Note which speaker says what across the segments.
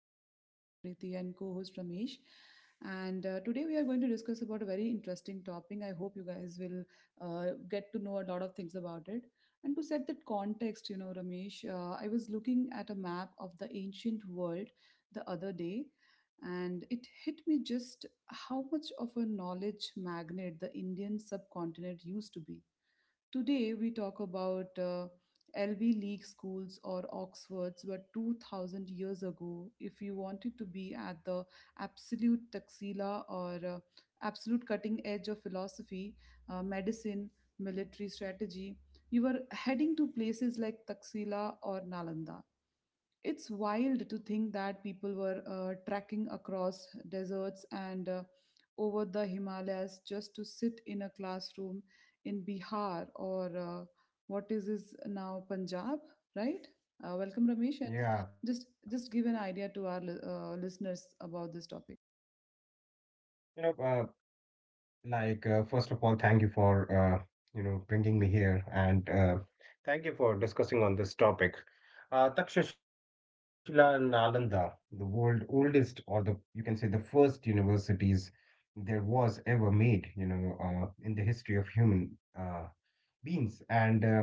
Speaker 1: with your host Samriti and co-host Ramesh. And Today we are going to discuss about a very interesting topic. I hope you guys will get to know a lot of things about it. And to set that context, you know, Ramesh, I was looking at a map of the ancient world the other day, and it hit me just how much of a knowledge magnet the Indian subcontinent used to be. Today, we talk about LV League schools or Oxfords, but 2000 years ago, if you wanted to be at the absolute tuxila or absolute cutting edge of philosophy, medicine, military strategy, you were heading to places like Taxila or Nalanda. It's wild to think that people were trekking across deserts and over the Himalayas just to sit in a classroom in Bihar or what is this now Punjab, right? Welcome, Ramesh.
Speaker 2: Yeah,
Speaker 1: And just give an idea to our listeners about this topic.
Speaker 2: you know, uh, first of all, thank you for you know bringing me here, and thank you for discussing on this topic. Takshashila and Nalanda, the world oldest, or the you can say the first universities there was ever made, in the history of human uh, beings, and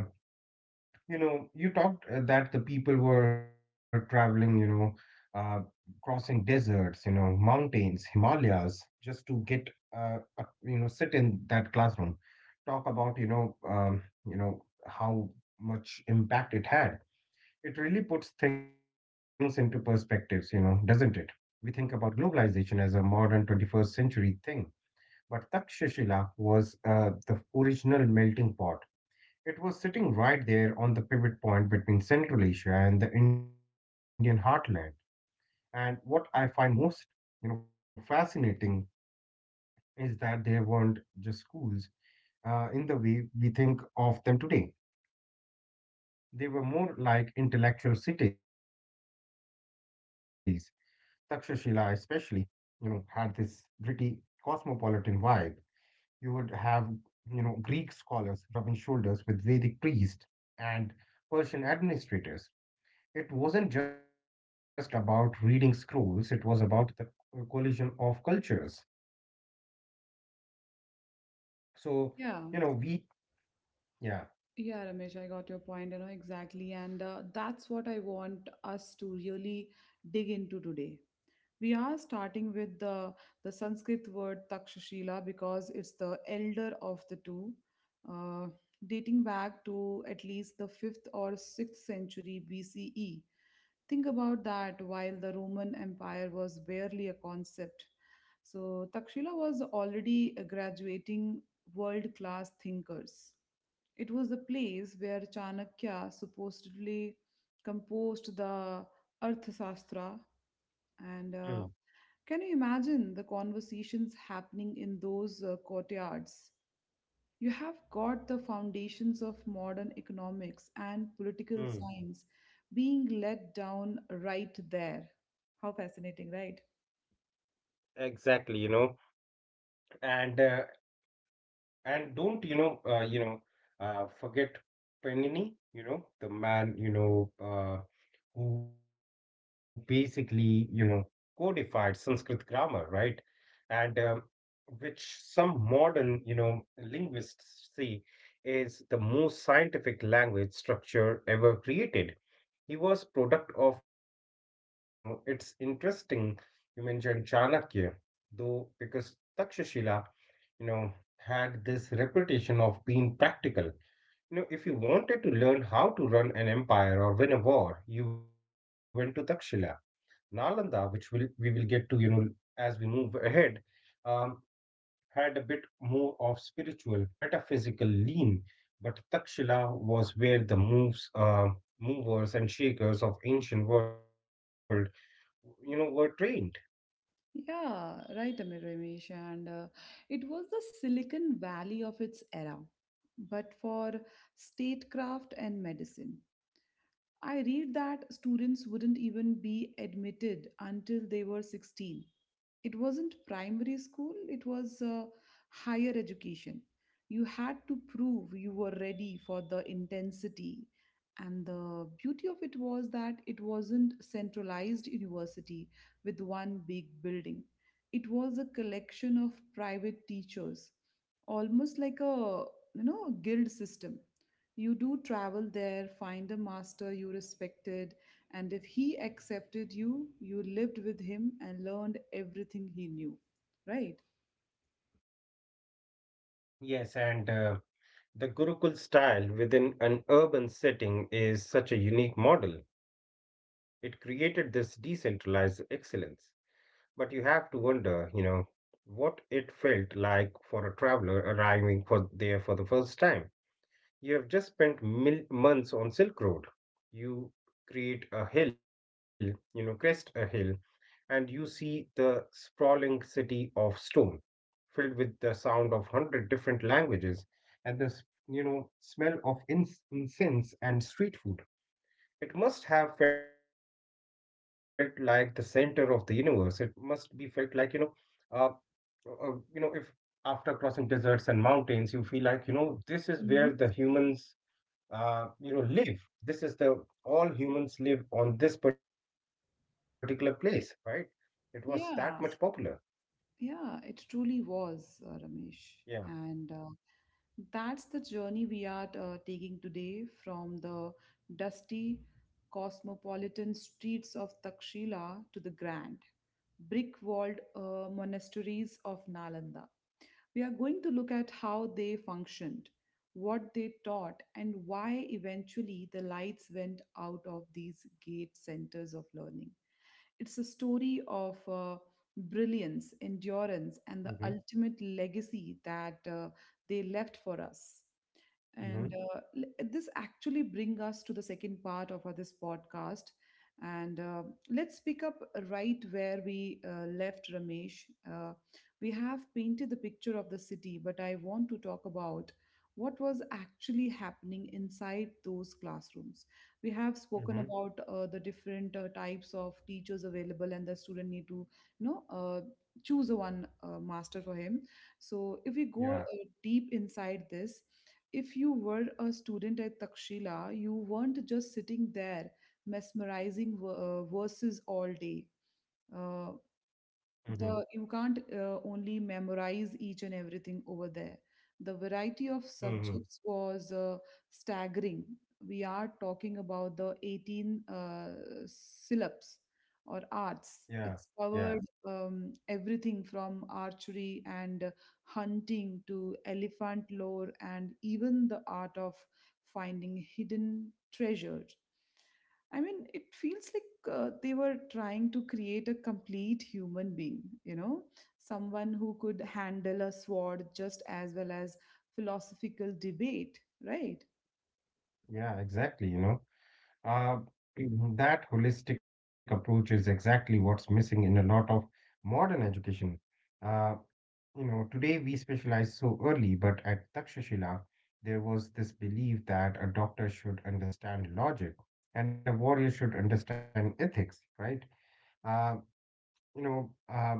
Speaker 2: you know, you talked that the people were traveling, uh, crossing deserts, you know, mountains, Himalayas, just to get, sit in that classroom, talk about, how much impact it had. It really puts things into perspectives, you know, doesn't it? We think about globalization as a modern 21st century thing, but Takshashila was the original melting pot. It was sitting right there on the pivot point between Central Asia and the Indian heartland. And what I find most, you know, fascinating is that there weren't just schools in the way we think of them today. They were more like intellectual cities. Takshashila, especially, you know, had this gritty cosmopolitan vibe. You would have, you know, Greek scholars rubbing shoulders with Vedic priests and Persian administrators. It wasn't just about reading scrolls, it was about the collision of cultures.
Speaker 1: Yeah,
Speaker 2: So, you know, we,
Speaker 1: yeah, Ramesh, I
Speaker 2: yeah.
Speaker 1: got your point, you know, exactly. And That's what I want us to really dig into today. We are starting with the Sanskrit word Takshashila because it's the elder of the two, uh, dating back to at least the 5th or 6th century BCE. Think about that, while the Roman Empire was barely a concept, So Takshila was already graduating world class thinkers. It was the place where Chanakya supposedly composed the Arthashastra, and
Speaker 2: Mm,
Speaker 1: can you imagine the conversations happening in those courtyards? You have got the foundations of modern economics and political
Speaker 2: mm,
Speaker 1: science being let down right there. How fascinating, right?
Speaker 2: exactly, you know, and uh, and don't forget Panini, the man, who basically, you know, codified Sanskrit grammar, right? And which some modern, you know, linguists see is the most scientific language structure ever created. He was product of Takshila. You know, it's interesting you mentioned Chanakya, though, because Takshashila, you know, had this reputation of being practical. You know, if you wanted to learn how to run an empire or win a war, you went to Takshila. Nalanda, which will we will get to, you know, as we move ahead, um, had a bit more of spiritual, metaphysical lean, but Takshila was where the movers and shakers of ancient world, you know, were trained.
Speaker 1: Yeah, right, Amir Ramesh. And It was the Silicon Valley of its era, but for statecraft and medicine. I read that students wouldn't even be admitted until they were 16. It wasn't primary school, it was higher education. You had to prove you were ready for the intensity. And the beauty of it was that it wasn't centralized university with one big building. It was a collection of private teachers, almost like a, you know, guild system. You do travel there, find a master you respected, and if he accepted you, you lived with him and learned everything he knew, right?
Speaker 2: Yes, and the Gurukul style within an urban setting is such a unique model. It created this decentralized excellence. But you have to wonder, you know, what it felt like for a traveler arriving for there for the first time. You have just spent months on Silk Road. You create a hill, you know, crest a hill, and you see the sprawling city of stone, filled with the sound of hundred different languages, and the smell of incense and street food. It must have felt like the center of the universe. It must be felt like you know. Uh, uh, you know, if after crossing deserts and mountains, you feel like, you know, this is where the
Speaker 1: Mhm.
Speaker 2: humans, you know, live. This is the all humans live on this particular place, right? It was that much popular.
Speaker 1: Yeah, yeah, it truly was, Ramesh.
Speaker 2: Yeah.
Speaker 1: And That's the journey we are taking today, from the dusty cosmopolitan streets of Takshila to the grand brick walled monasteries of Nalanda. We are going to look at how they functioned, what they taught, and why eventually the lights went out of these gate centers of learning. It's a story of brilliance, endurance, and
Speaker 2: Mm-hmm.
Speaker 1: the ultimate legacy that they left for us.
Speaker 2: Mm-hmm.
Speaker 1: This actually bring us to the second part of this podcast. And Let's pick up right where we left, Ramesh. Uh, we have painted the picture of the city, but I want to talk about what was actually happening inside those classrooms. We have
Speaker 2: Mm-hmm.
Speaker 1: spoken about the different types of teachers available, and the student need to, you know, choose one master for him. So if we
Speaker 2: Yeah.
Speaker 1: go deep inside this, if you were a student at Takshila, you weren't just sitting there mesmerizing verses all day. Uh,
Speaker 2: Mm-hmm.
Speaker 1: the you can't only memorize each and everything over there. The variety
Speaker 2: Mm-hmm.
Speaker 1: of subjects was staggering. We are talking about the 18 syllabus
Speaker 2: Yeah.
Speaker 1: or
Speaker 2: Yeah.
Speaker 1: arts it's covered, everything from archery and hunting to elephant lore and even the art of finding hidden treasures. I mean, it feels like they were trying to create a complete human being, you know, someone who could handle a sword just as well as philosophical debate, right?
Speaker 2: Yeah. Exactly. You know, uh, mhm, that holistic approach is exactly what's missing in a lot of modern education. Uh, You know, today we specialize so early, but at Takshashila, there was this belief that a doctor should understand logic and a warrior should understand ethics, right? Uh, you know, uh,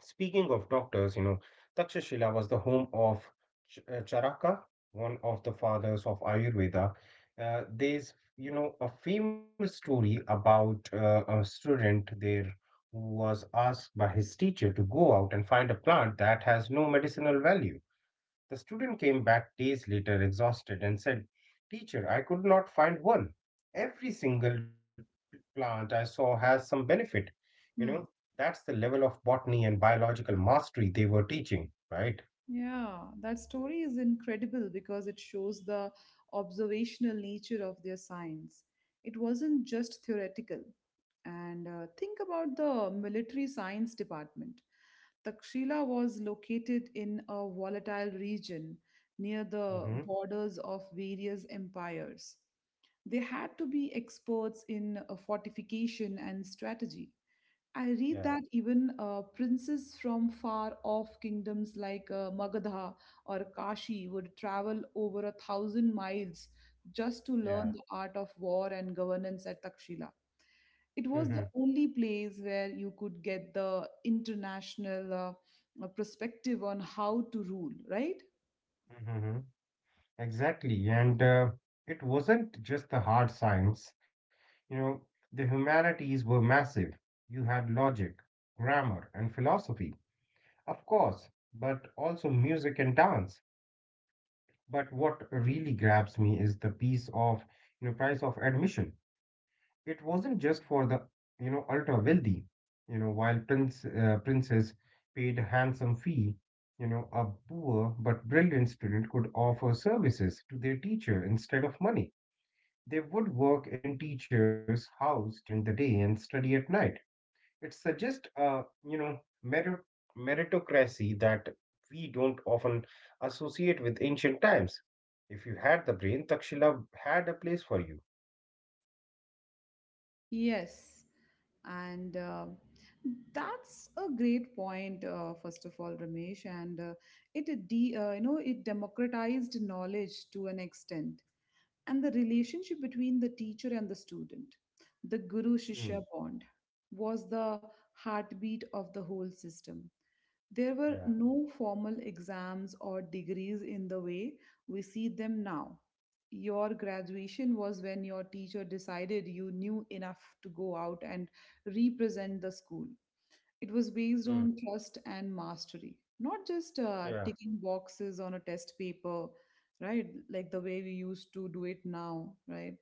Speaker 2: Speaking of doctors, you know, Takshashila was the home of Charaka, one of the fathers of Ayurveda. There's, you know, a famous story about a student there who was asked by his teacher to go out and find a plant that has no medicinal value. The student came back days later exhausted and said, Teacher, I could not find one. Every single plant I saw has some benefit. You know,
Speaker 1: Hmm.
Speaker 2: that's the level of botany and biological mastery they were teaching, right?
Speaker 1: Yeah, that story is incredible because it shows the observational nature of their science. It wasn't just theoretical. And Think about the military science department. Takshila was located in a volatile region near the
Speaker 2: Mm-hmm.
Speaker 1: borders of various empires. They had to be experts in fortification and strategy. I
Speaker 2: Yeah,
Speaker 1: read that even princes from far off kingdoms like Magadha or Kashi would travel over 1,000 miles just to
Speaker 2: yeah.
Speaker 1: learn the art of war and governance at Takshila. It
Speaker 2: Mm-hmm.
Speaker 1: was the only place where you could get the international perspective on how to rule, right?
Speaker 2: Mm-hmm. Exactly. And it wasn't just the hard science. You know, the humanities were massive. You had logic, grammar, and philosophy. Of course, but also music and dance. But what really grabs me is the piece of, you know, price of admission. It wasn't just for the, you know, ultra wealthy. You know, while Princess paid a handsome fee, you know, a poor but brilliant student could offer services to their teacher instead of money. They would work in teacher's house during the day and study at night. It suggests, meritocracy that we don't often associate with ancient times. If you had the brain, Takshila had a place for you.
Speaker 1: Yes, and that's a great point. First of all, Ramesh, you know, it democratized knowledge to an extent, and the relationship between the teacher and the student, the guru
Speaker 2: Hmm.
Speaker 1: shishya bond, was the heartbeat of the whole system. There were
Speaker 2: Yeah.
Speaker 1: no formal exams or degrees in the way we see them now. Your graduation was when your teacher decided you knew enough to go out and represent the school. It was based
Speaker 2: Hmm.
Speaker 1: on trust and mastery, not just
Speaker 2: Yeah.
Speaker 1: ticking boxes on a test paper, right? Like the way we used to do it now, right?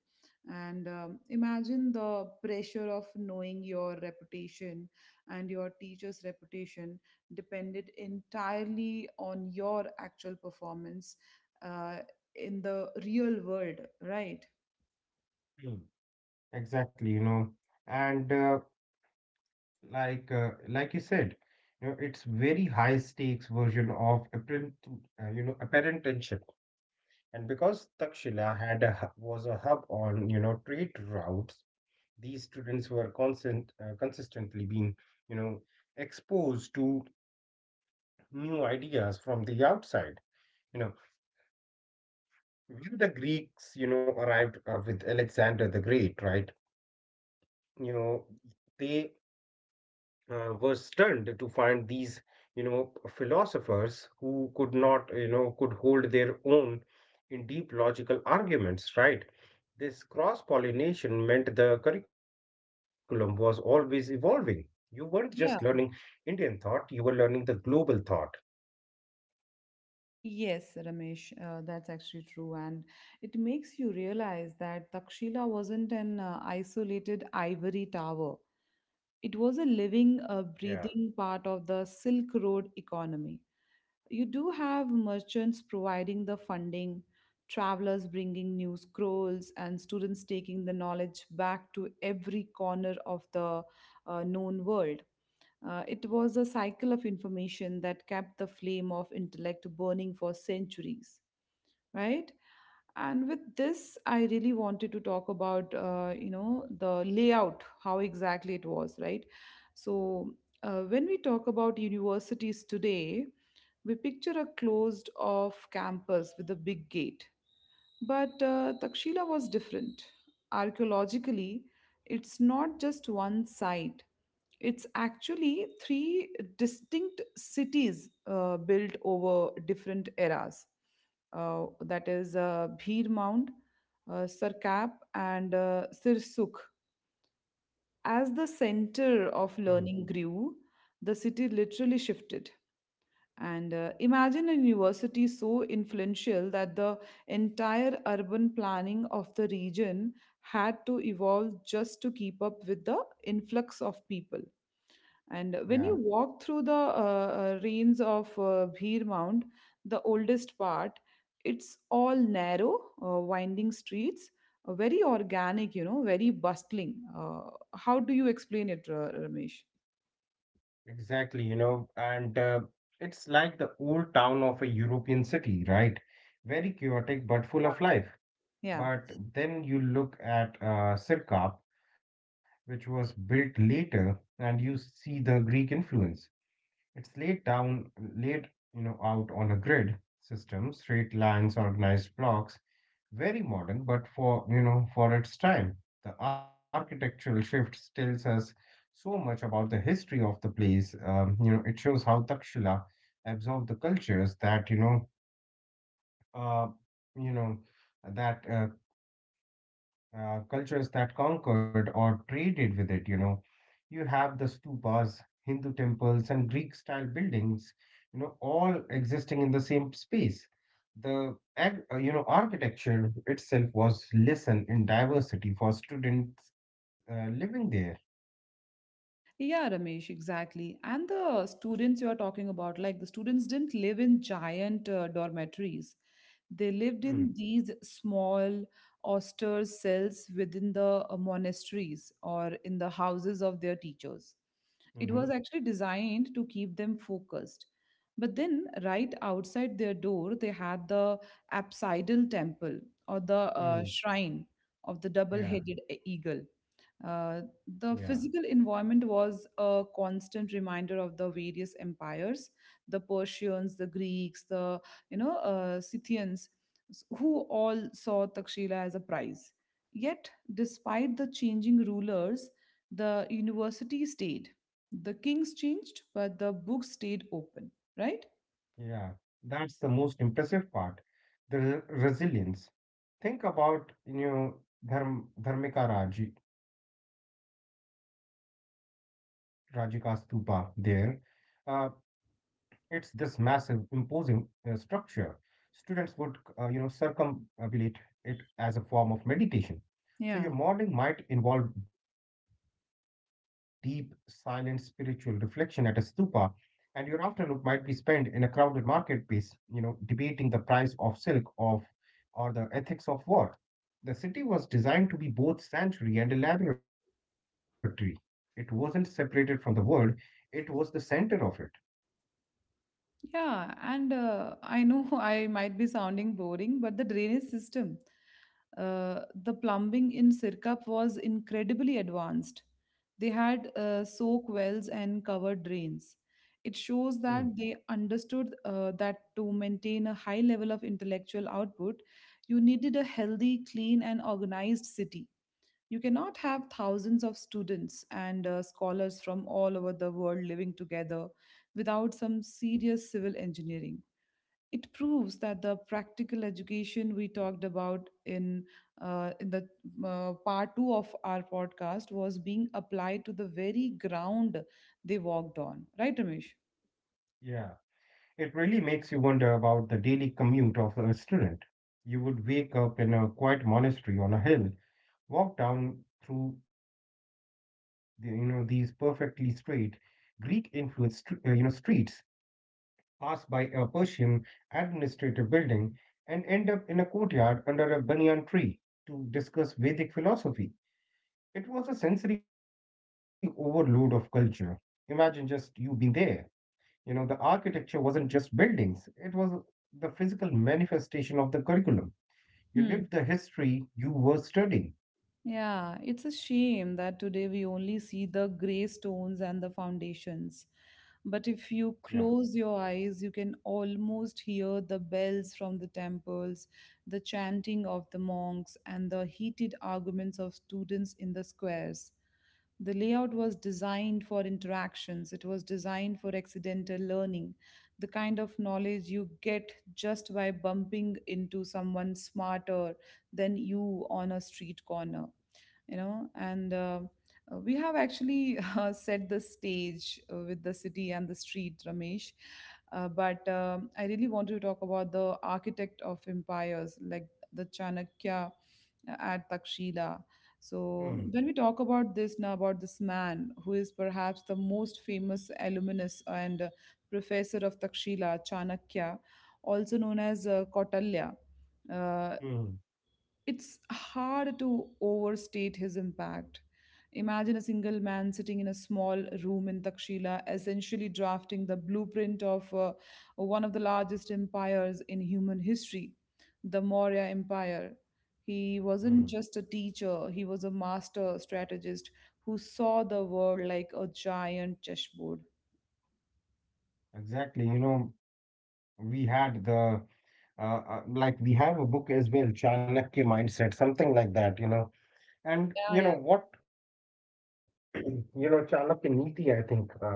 Speaker 1: And Imagine the pressure of knowing your reputation and your teacher's reputation depended entirely on your actual performance uh, in the real world, right?
Speaker 2: Hmm. Exactly, you know, and like you said, you know, it's very high stakes version of apparent tension. And because Takshila had was a hub on, you know, trade routes, these students were consistently being, you know, exposed to new ideas from the outside. You know, when the Greeks, you know, arrived with Alexander the Great, right? You know, they were stunned to find these, you know, philosophers who could not, you know, could hold their own in deep logical arguments, right? This cross pollination meant the curriculum was always evolving. You weren't just learning indian thought, you were learning the global thought.
Speaker 1: Yes, Ramesh, that's actually true. And it makes you realize that Takshila wasn't an isolated ivory tower,
Speaker 2: Yeah.
Speaker 1: it was a living, breathing part of the Silk Road economy. You do have merchants providing the funding, travelers bringing new scrolls, and students taking the knowledge back to every corner of the known world. It was a cycle of information that kept the flame of intellect burning for centuries, right? And with this, I really wanted to talk about, you know, the layout, how exactly it was, right? So, when we talk about universities today, we picture a closed off campus with a big gate. But Takshila was different. Archaeologically, it's not just one site, it's actually three distinct cities built over different eras. That is Bhir Mound, Sarkap, and Sirsuk. As the center of
Speaker 2: Mm.
Speaker 1: learning grew, the city literally shifted. And Imagine a university so influential that the entire urban planning of the region had to evolve just to keep up with the influx of people. And when
Speaker 2: Yeah,
Speaker 1: you walk through the ruins of Bhir Mound, the oldest part, it's all narrow, winding streets, very organic, you know, very bustling. How do you explain it, Ramesh?
Speaker 2: exactly, you know, and it's like the old town of a european city, right? Very chaotic but full of life.
Speaker 1: Yeah.
Speaker 2: But then you look at Sirkap, which was built later, and you see the Greek influence. It's laid, you know, out on a grid system, straight lines, organized blocks, very modern, but for you know for its time, the architectural shift tells us so much about the history of the place. You know, it shows how Takshila absorbed the cultures that uh, you know, that uh, cultures that conquered or traded with it, you know. You have the stupas, Hindu temples, and Greek style buildings, you know, all existing in the same space. The, you know, architecture itself was lesson in diversity for students living there.
Speaker 1: Yeah, Ramesh, exactly. And the students you are talking about, like the students didn't live in giant dormitories. They lived
Speaker 2: Mm,
Speaker 1: in these small, austere cells within the monasteries or in the houses of their teachers. It
Speaker 2: mm-hmm,
Speaker 1: was actually designed to keep them focused. But then, right outside their door, they had the apsidal temple or the
Speaker 2: mm,
Speaker 1: shrine of the double
Speaker 2: yeah,
Speaker 1: headed eagle. Uh,
Speaker 2: yeah,
Speaker 1: the physical environment was a constant reminder of the various empires, the Persians, the Greeks, the Scythians, who all saw Takshila as a prize. Yet, despite the changing rulers, the university stayed. The kings changed, but the books stayed open. Right?
Speaker 2: yeah. That's the most impressive part. The resilience. Think about, you know, Dharmika Rajika Stupa there. Uh, it's this massive, imposing structure. Students would you know circumambulate it as a form of meditation. So your modeling
Speaker 1: Yeah.
Speaker 2: might involve deep, silent spiritual reflection at a stupa, and your afternoon might be spent in a crowded marketplace, you know, debating the price of silk of or the ethics of war. The city was designed to be both sanctuary and a laboratory. It wasn't separated from the world, it was the center of it.
Speaker 1: Yeah, and I know I might be sounding boring, but the drainage system. The plumbing in Sirkap was incredibly advanced. They had soak wells and covered drains. It shows
Speaker 2: Hmm.
Speaker 1: that they understood that to maintain a high level of intellectual output, you needed a healthy, clean, and organized city. You cannot have thousands of students and scholars from all over the world living together without some serious civil engineering. It proves that the practical education we talked about in the part 2 of our podcast was being applied to the very ground they walked on, right, Ramesh?
Speaker 2: Yeah, it really makes you wonder about the daily commute of a student. You would wake up in a quiet monastery on a hill, walk down through the, you know these perfectly straight Greek influenced you know streets, pass by a Persian administrative building, and end up in a courtyard under a banyan tree to discuss Vedic philosophy. It was a sensory overload of culture. Imagine just you being there. You know, the architecture wasn't just buildings, it was the physical manifestation of the curriculum. You
Speaker 1: Hmm.
Speaker 2: lived the history you were studying.
Speaker 1: Yeah, it's a shame that today we only see the grey stones and the foundations. But
Speaker 2: Yeah.
Speaker 1: if you close your eyes, you can almost hear the bells from the temples, the chanting of the monks, and the heated arguments of students in the squares. The layout was designed for interactions, it was designed for accidental learning, the kind of knowledge you get just by bumping into someone smarter than you on a street corner, you know and we have actually set the stage with the city and the street, Ramesh. But I really want to talk about the architect of empires, like the Chanakya at Takshila. So
Speaker 2: Hmm.
Speaker 1: when we talk about this now, about this man who is perhaps the most famous alumnus and professor of Takshila, Chanakya, also known as Kautalya, uh,
Speaker 2: Hmm.
Speaker 1: it's hard to overstate his impact. Imagine a single man sitting in a small room in Takshila, essentially drafting the blueprint of one of the largest empires in human history, the Maurya Empire. He
Speaker 2: Hmm.
Speaker 1: wasn't just a teacher, he was a master strategist who saw the world like a giant chessboard.
Speaker 2: Exactly. You know, we had the like we have a book as well, Chanakya Mindset, something like that, you know. And you know what, you know, Chanakya Niti, I think that's the name.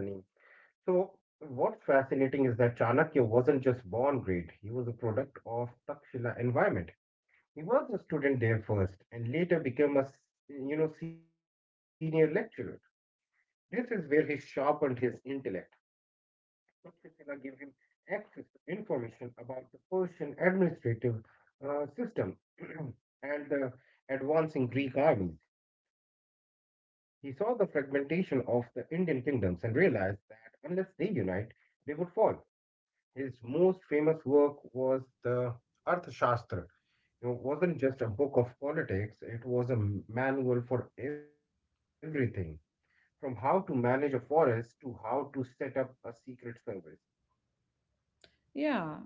Speaker 2: So what's fascinating is that Chanakya wasn't just born great; he was a product of Takshila environment. He was a student there first and later became a you know senior lecturer. This is where he sharpened his intellect. Takshashila gave him access to information about the Persian administrative system and the advancing Greek armies. He saw the fragmentation of the Indian kingdoms and realized that unless they unite, they would fall. His most famous work was the Arthashastra, you know, wasn't just a book of politics, it was a manual for everything from how to manage a forest to how to set up a secret service.
Speaker 1: Yeah,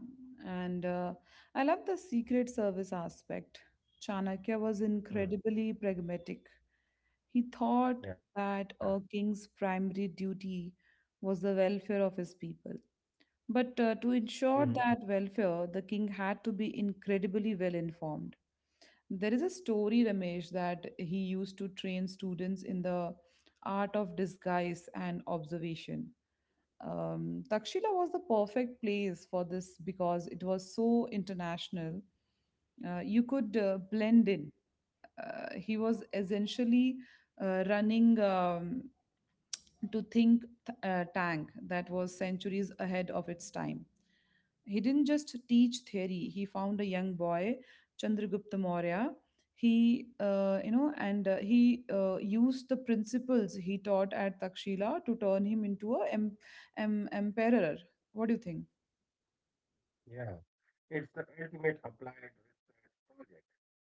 Speaker 1: and I love the Secret Service aspect. Chanakya was
Speaker 2: Hmm.
Speaker 1: incredibly pragmatic. He
Speaker 2: Yeah.
Speaker 1: thought that a king's primary duty was the welfare of his people. But to
Speaker 2: Hmm.
Speaker 1: ensure that welfare, the king had to be incredibly well informed. There is a story, Ramesh, that he used to train students in the art of disguise and observation. Takshila was the perfect place for this because it was so international. You could blend in. He was essentially running. To think tank that was centuries ahead of its time. He didn't just teach theory, he found a young boy, Chandragupta Maurya. He, you know, and he used the principles he taught at Takshila to turn him into a emperor. What do you think?
Speaker 2: Yeah. It's the ultimate applied research project.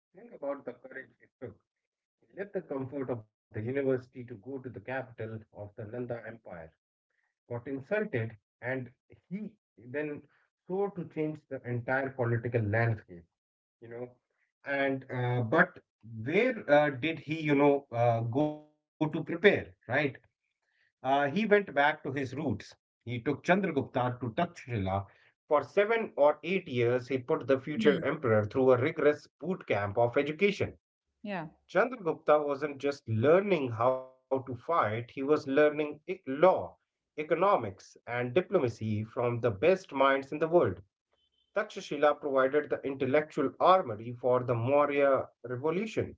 Speaker 2: Think about the courage it took. He left the comfort of the university to go to the capital of the Nanda Empire, got insulted, and he then sought to change the entire political landscape. You know. And but where did he, go to prepare, right? He went back to his roots. He took Chandragupta to Takshila. For 7 or 8 years, he put the future
Speaker 1: Hmm.
Speaker 2: emperor through a rigorous boot camp of education.
Speaker 1: Yeah.
Speaker 2: Chandragupta wasn't just learning how to fight, he was learning law, economics, and diplomacy from the best minds in the world. Takshashila provided the intellectual armory for the Maurya revolution.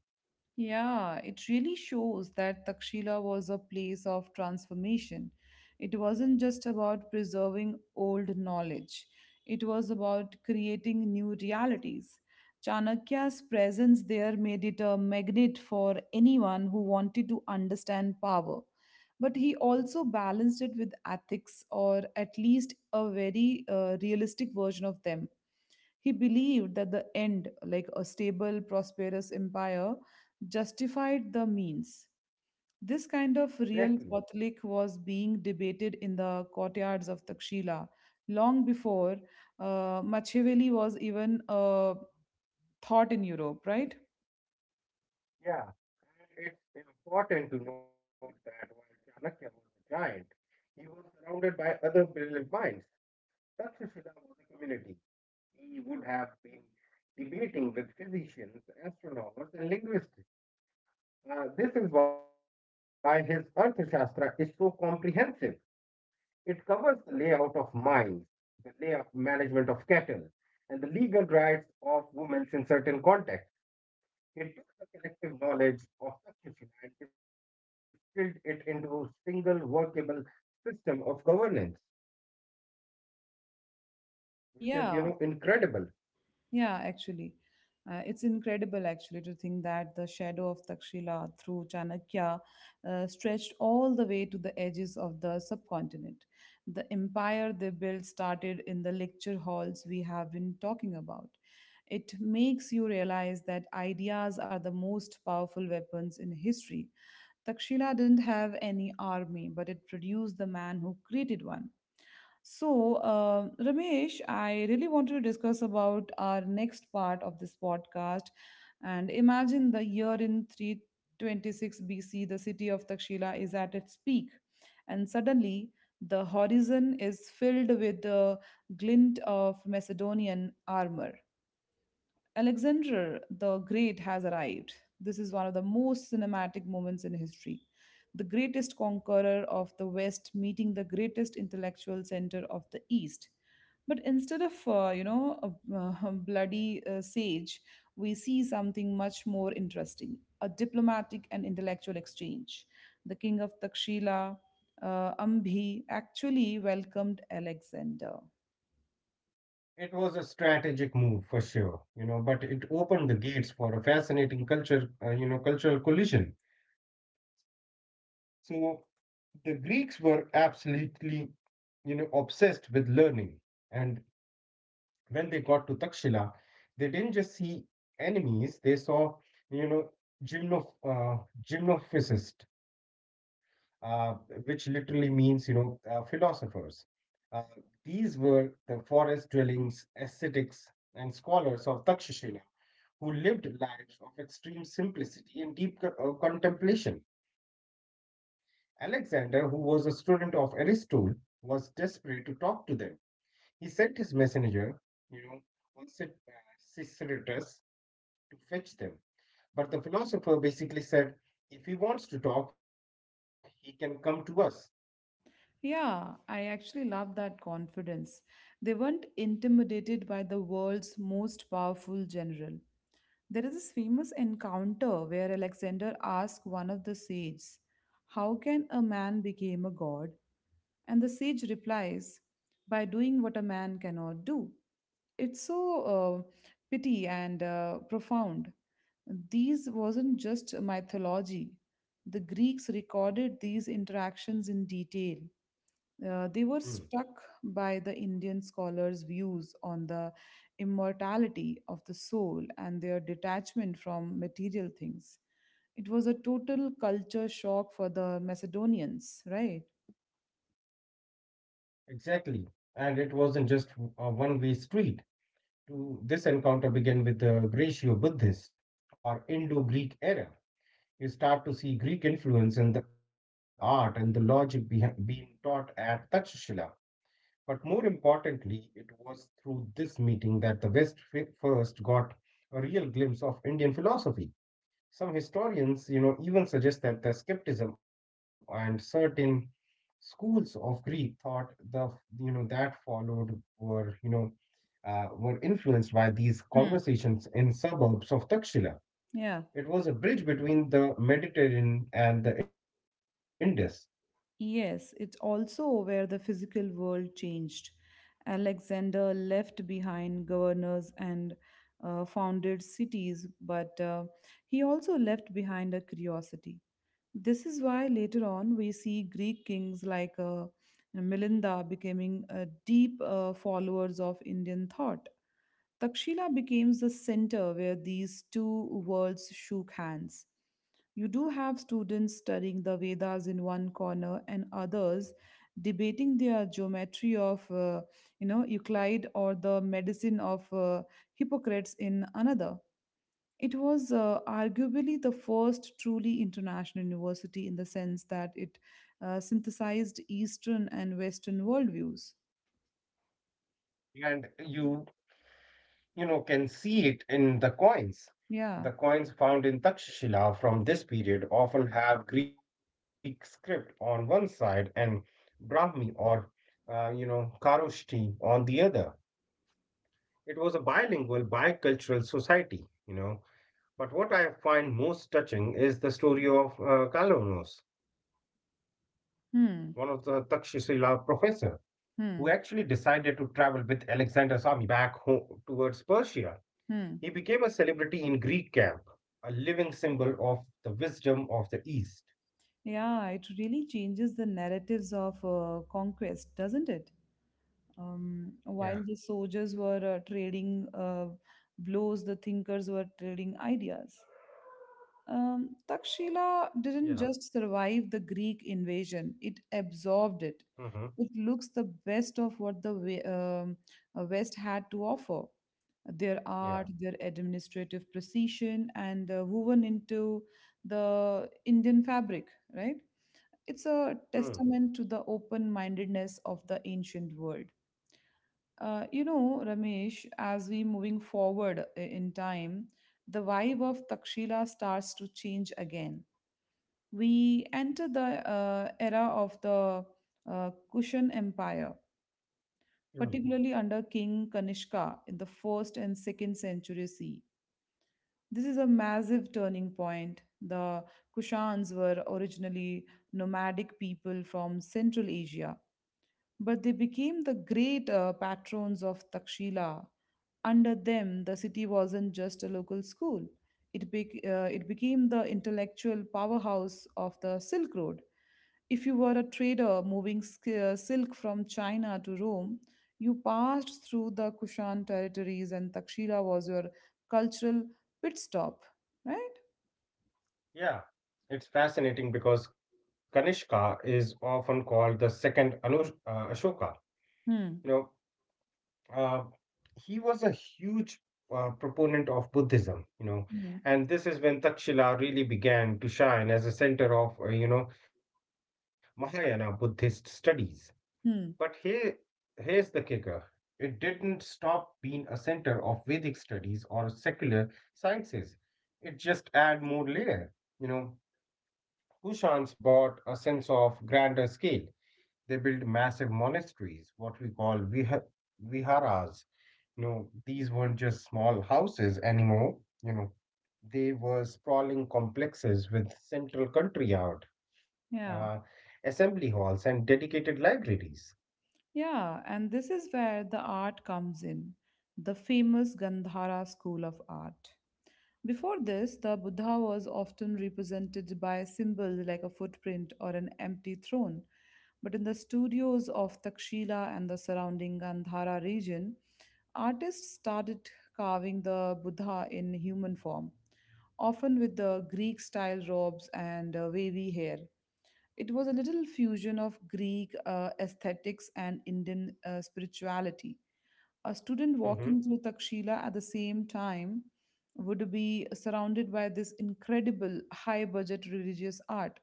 Speaker 1: Yeah, it really shows that Takshila was a place of transformation. It wasn't just about preserving old knowledge, it was about creating new realities. Chanakya's presence there made it a magnet for anyone who wanted to understand power. But he also balanced it with ethics, or at least a very realistic version of them. He believed that the end, like a stable, prosperous empire, justified the means. This kind of real
Speaker 2: Exactly.
Speaker 1: Catholic was being debated in the courtyards of Takshila long before Machiavelli was even a thought in Europe, right?
Speaker 2: Yeah. And it's important to note that while Chanakya was a giant, he was surrounded by other brilliant minds. Takshashila was a community. He would have been debating with physicians, astronomers, and linguists. This is why his Arthashastra is so comprehensive. It covers the layout of mines, the layout management of cattle, and the legal rights of women in certain contexts. It took the collective knowledge of succession and distilled it into a single workable system of governance, which is, you
Speaker 1: Yeah,
Speaker 2: know, incredible.
Speaker 1: yeah, actually. It's incredible actually to think that the shadow of Takshila through Chanakya stretched all the way to the edges of the subcontinent. The empire they built started in the lecture halls we have been talking about. It makes you realize that ideas are the most powerful weapons in history. Takshila didn't have any army, but it produced the man who created one. So, Ramesh, I really wanted to discuss about our next part of this podcast. And imagine the year in 326 BC, the city of Takshila is at its peak, and suddenly the horizon is filled with the glint of Macedonian armor. Alexander the Great has arrived. This is one of the most cinematic moments in history. The greatest conqueror of the West meeting the greatest intellectual center of the East. But instead of, a, bloody sage, we see something much more interesting, a diplomatic and intellectual exchange. The king of Takshila, Ambhi, actually welcomed Alexander.
Speaker 2: It was a strategic move for sure, but it opened the gates for a fascinating cultural collision. So the Greeks were absolutely obsessed with learning and when they got to Takshila, they didn't just see enemies, they saw, you know, gymno, uh, gymnophysist, uh, which literally means, philosophers. Uh, these were the forest dwellings, ascetics, and scholars of Takshashila who lived lives of extreme simplicity and deep contemplation. Alexander, who was a student of Aristotle, was desperate to talk to them. He sent his messenger, you know, once it, uh, Sisiratus, to fetch them. But the philosopher basically said, "If he wants to talk, he can come to us."
Speaker 1: Yeah, I actually love that confidence. They weren't intimidated by the world's most powerful general. There is this famous encounter where Alexander asked one of the sages, "How can a man become a god?" And the sage replies, "By doing what a man cannot do." It's so uh, pity and profound. These wasn't just mythology. The Greeks recorded these interactions in detail. They were
Speaker 2: Hmm.
Speaker 1: struck by the Indian scholars' views on the immortality of the soul and their detachment from material things. It was a total culture shock for the Macedonians, right?
Speaker 2: Exactly. And it wasn't just a one way street. To this encounter began with the Gracio Buddhist or Indo Greek era. You start to see Greek influence in the art and the logic behind being taught at Takshashila. But more importantly, it was through this meeting that the West first got a real glimpse of Indian philosophy. Some historians even suggest that the skepticism and certain schools of Greek thought the you know that followed were you know were influenced by these
Speaker 1: Hmm.
Speaker 2: conversations in suburbs of Takshila.
Speaker 1: Yeah.
Speaker 2: It was a bridge between the Mediterranean and the Indus,
Speaker 1: Yes, it's also where the physical world changed. Alexander left behind governors and founded cities, but he also left behind a curiosity. This is why later on we see Greek kings like Milinda becoming deep followers of Indian thought. Takshila becomes the center where these two worlds shook hands. You do have students studying the Vedas in one corner and others debating their geometry of, Euclid or the medicine of Hippocrates in another. It was arguably the first truly international university in the sense that it synthesized Eastern and Western worldviews.
Speaker 2: and you can see it in the coins. The
Speaker 1: Yeah.
Speaker 2: coins found in Takshashila from this period often have Greek script on one side and Brahmi or Karoshti on the other. It was a bilingual, bicultural society. But what I find most touching is the story of Kalanos, one of the Takshashila
Speaker 1: Hmm.
Speaker 2: professor, who actually decided to
Speaker 1: Hmm.
Speaker 2: travel with Alexander's army back home towards Persia. He became a
Speaker 1: Hmm.
Speaker 2: celebrity in Greek camp, a living symbol of the wisdom of the East.
Speaker 1: Yeah, it really changes the narratives of conquest, doesn't it?
Speaker 2: Yeah,
Speaker 1: While the soldiers were trading blows, the thinkers were trading ideas.
Speaker 2: yeah,
Speaker 1: Takshila didn't just survive the Greek invasion, it absorbed
Speaker 2: mm-hmm,
Speaker 1: it. It looks the best of what the West had to offer, their
Speaker 2: yeah,
Speaker 1: art, their administrative precision, and woven into the Indian fabric, right? It's
Speaker 2: mm,
Speaker 1: a testament to the open mindedness of the ancient world. Ramesh, as we moving forward in time, the vibe of Takshila starts to change again. We enter the era of the Kushan Empire,
Speaker 2: mm.
Speaker 1: particularly under King Kanishka in the first and second century C. This is a massive turning point. The Kushans were originally nomadic people from Central Asia, but they became the great patrons of Takshila. Under them, the city wasn't just a local school, it became the intellectual powerhouse of the Silk Road. If you were a trader moving silk from China to Rome, you passed through the Kushan territories, and Takshila was your cultural pit stop, right?
Speaker 2: Yeah. It's fascinating because Kanishka is often called the second Ashoka. You know,
Speaker 1: Hmm.
Speaker 2: uh, he was a huge proponent of Buddhism.
Speaker 1: Hmm.
Speaker 2: And this is when Takshila really began to shine as a center of Mahayana Buddhist studies. But
Speaker 1: Hmm.
Speaker 2: here's the kicker. It didn't stop being a center of Vedic studies or secular sciences. It just added more layer. You know, Kushans brought a sense of grander scale. They built massive monasteries, what we call viharas. These weren't just small houses anymore. You know, they were sprawling complexes with central country yard, uh,
Speaker 1: Yeah.
Speaker 2: assembly halls, and dedicated libraries.
Speaker 1: Yeah, and this is where the art comes in, the famous Gandhara school of art. Before this, the Buddha was often represented by a symbol like a footprint or an empty throne. But in the studios of Takshila and the surrounding Gandhara region, artists started carving the Buddha in human form, often with the Greek style robes and wavy hair. It was a little fusion of Greek aesthetics and Indian spirituality. A student
Speaker 2: Hmm.
Speaker 1: walking through Takshila at the same time would be surrounded by this incredible high budget religious art.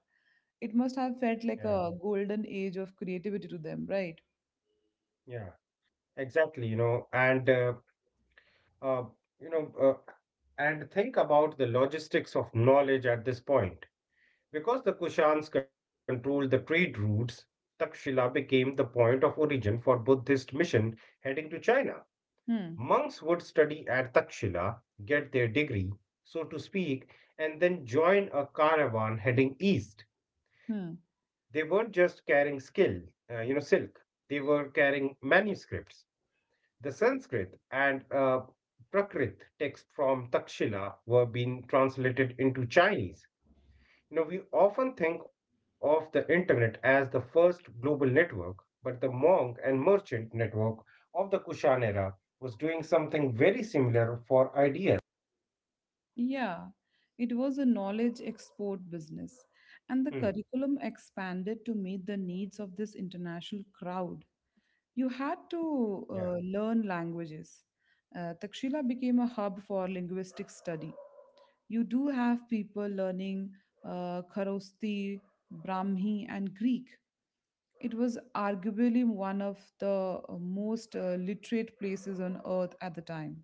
Speaker 1: It must have
Speaker 2: Yeah.
Speaker 1: felt like a golden age of creativity to them, right?
Speaker 2: Yeah, exactly, uh, you know, and think about the logistics of knowledge at this point. Because the Kushans controlled the trade routes, Takshila became the point of origin for Buddhist mission heading to China.
Speaker 1: Hmm.
Speaker 2: Monks would study at Takshila, get their degree, so to speak, and then join a caravan heading east.
Speaker 1: Hmm.
Speaker 2: They weren't just carrying silk. They were carrying manuscripts. The Sanskrit and Prakrit texts from Takshila were being translated into Chinese. Now, we often think of the internet as the first global network, but the monk and merchant network of the Kushan era was doing something very similar for ideas.
Speaker 1: Yeah. It was a knowledge export business, and the
Speaker 2: Hmm.
Speaker 1: curriculum expanded to meet the needs of this international crowd. You had
Speaker 2: Yeah.
Speaker 1: to learn languages. Takshila became a hub for linguistic study. You do have people learning Kharosthi, Brahmi, and Greek. It was arguably one of the most literate places on earth at the time.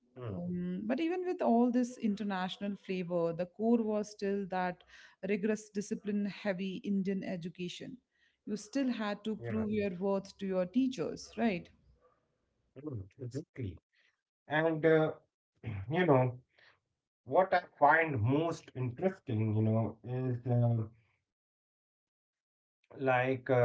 Speaker 2: Hmm.
Speaker 1: But even with all this international flavor, the core was still that rigorous, discipline heavy Indian education. You still had to
Speaker 2: Yeah.
Speaker 1: prove your worth to your teachers, right?
Speaker 2: Hmm. Exactly. And you know, what I find most interesting, like uh,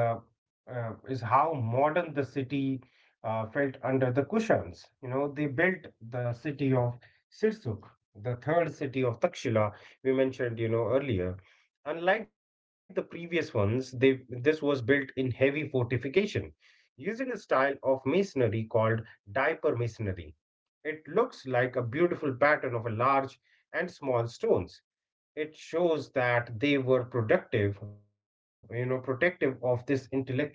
Speaker 2: is how modern the city felt under the Kushans. They built the city of Sirsuk, the third city of Takshila we mentioned earlier. Unlike the previous ones, they this was built in heavy fortification using a style of masonry called diaper masonry. It looks like a beautiful pattern of a large and small stones. It shows that they were protective of this intellectual treasure.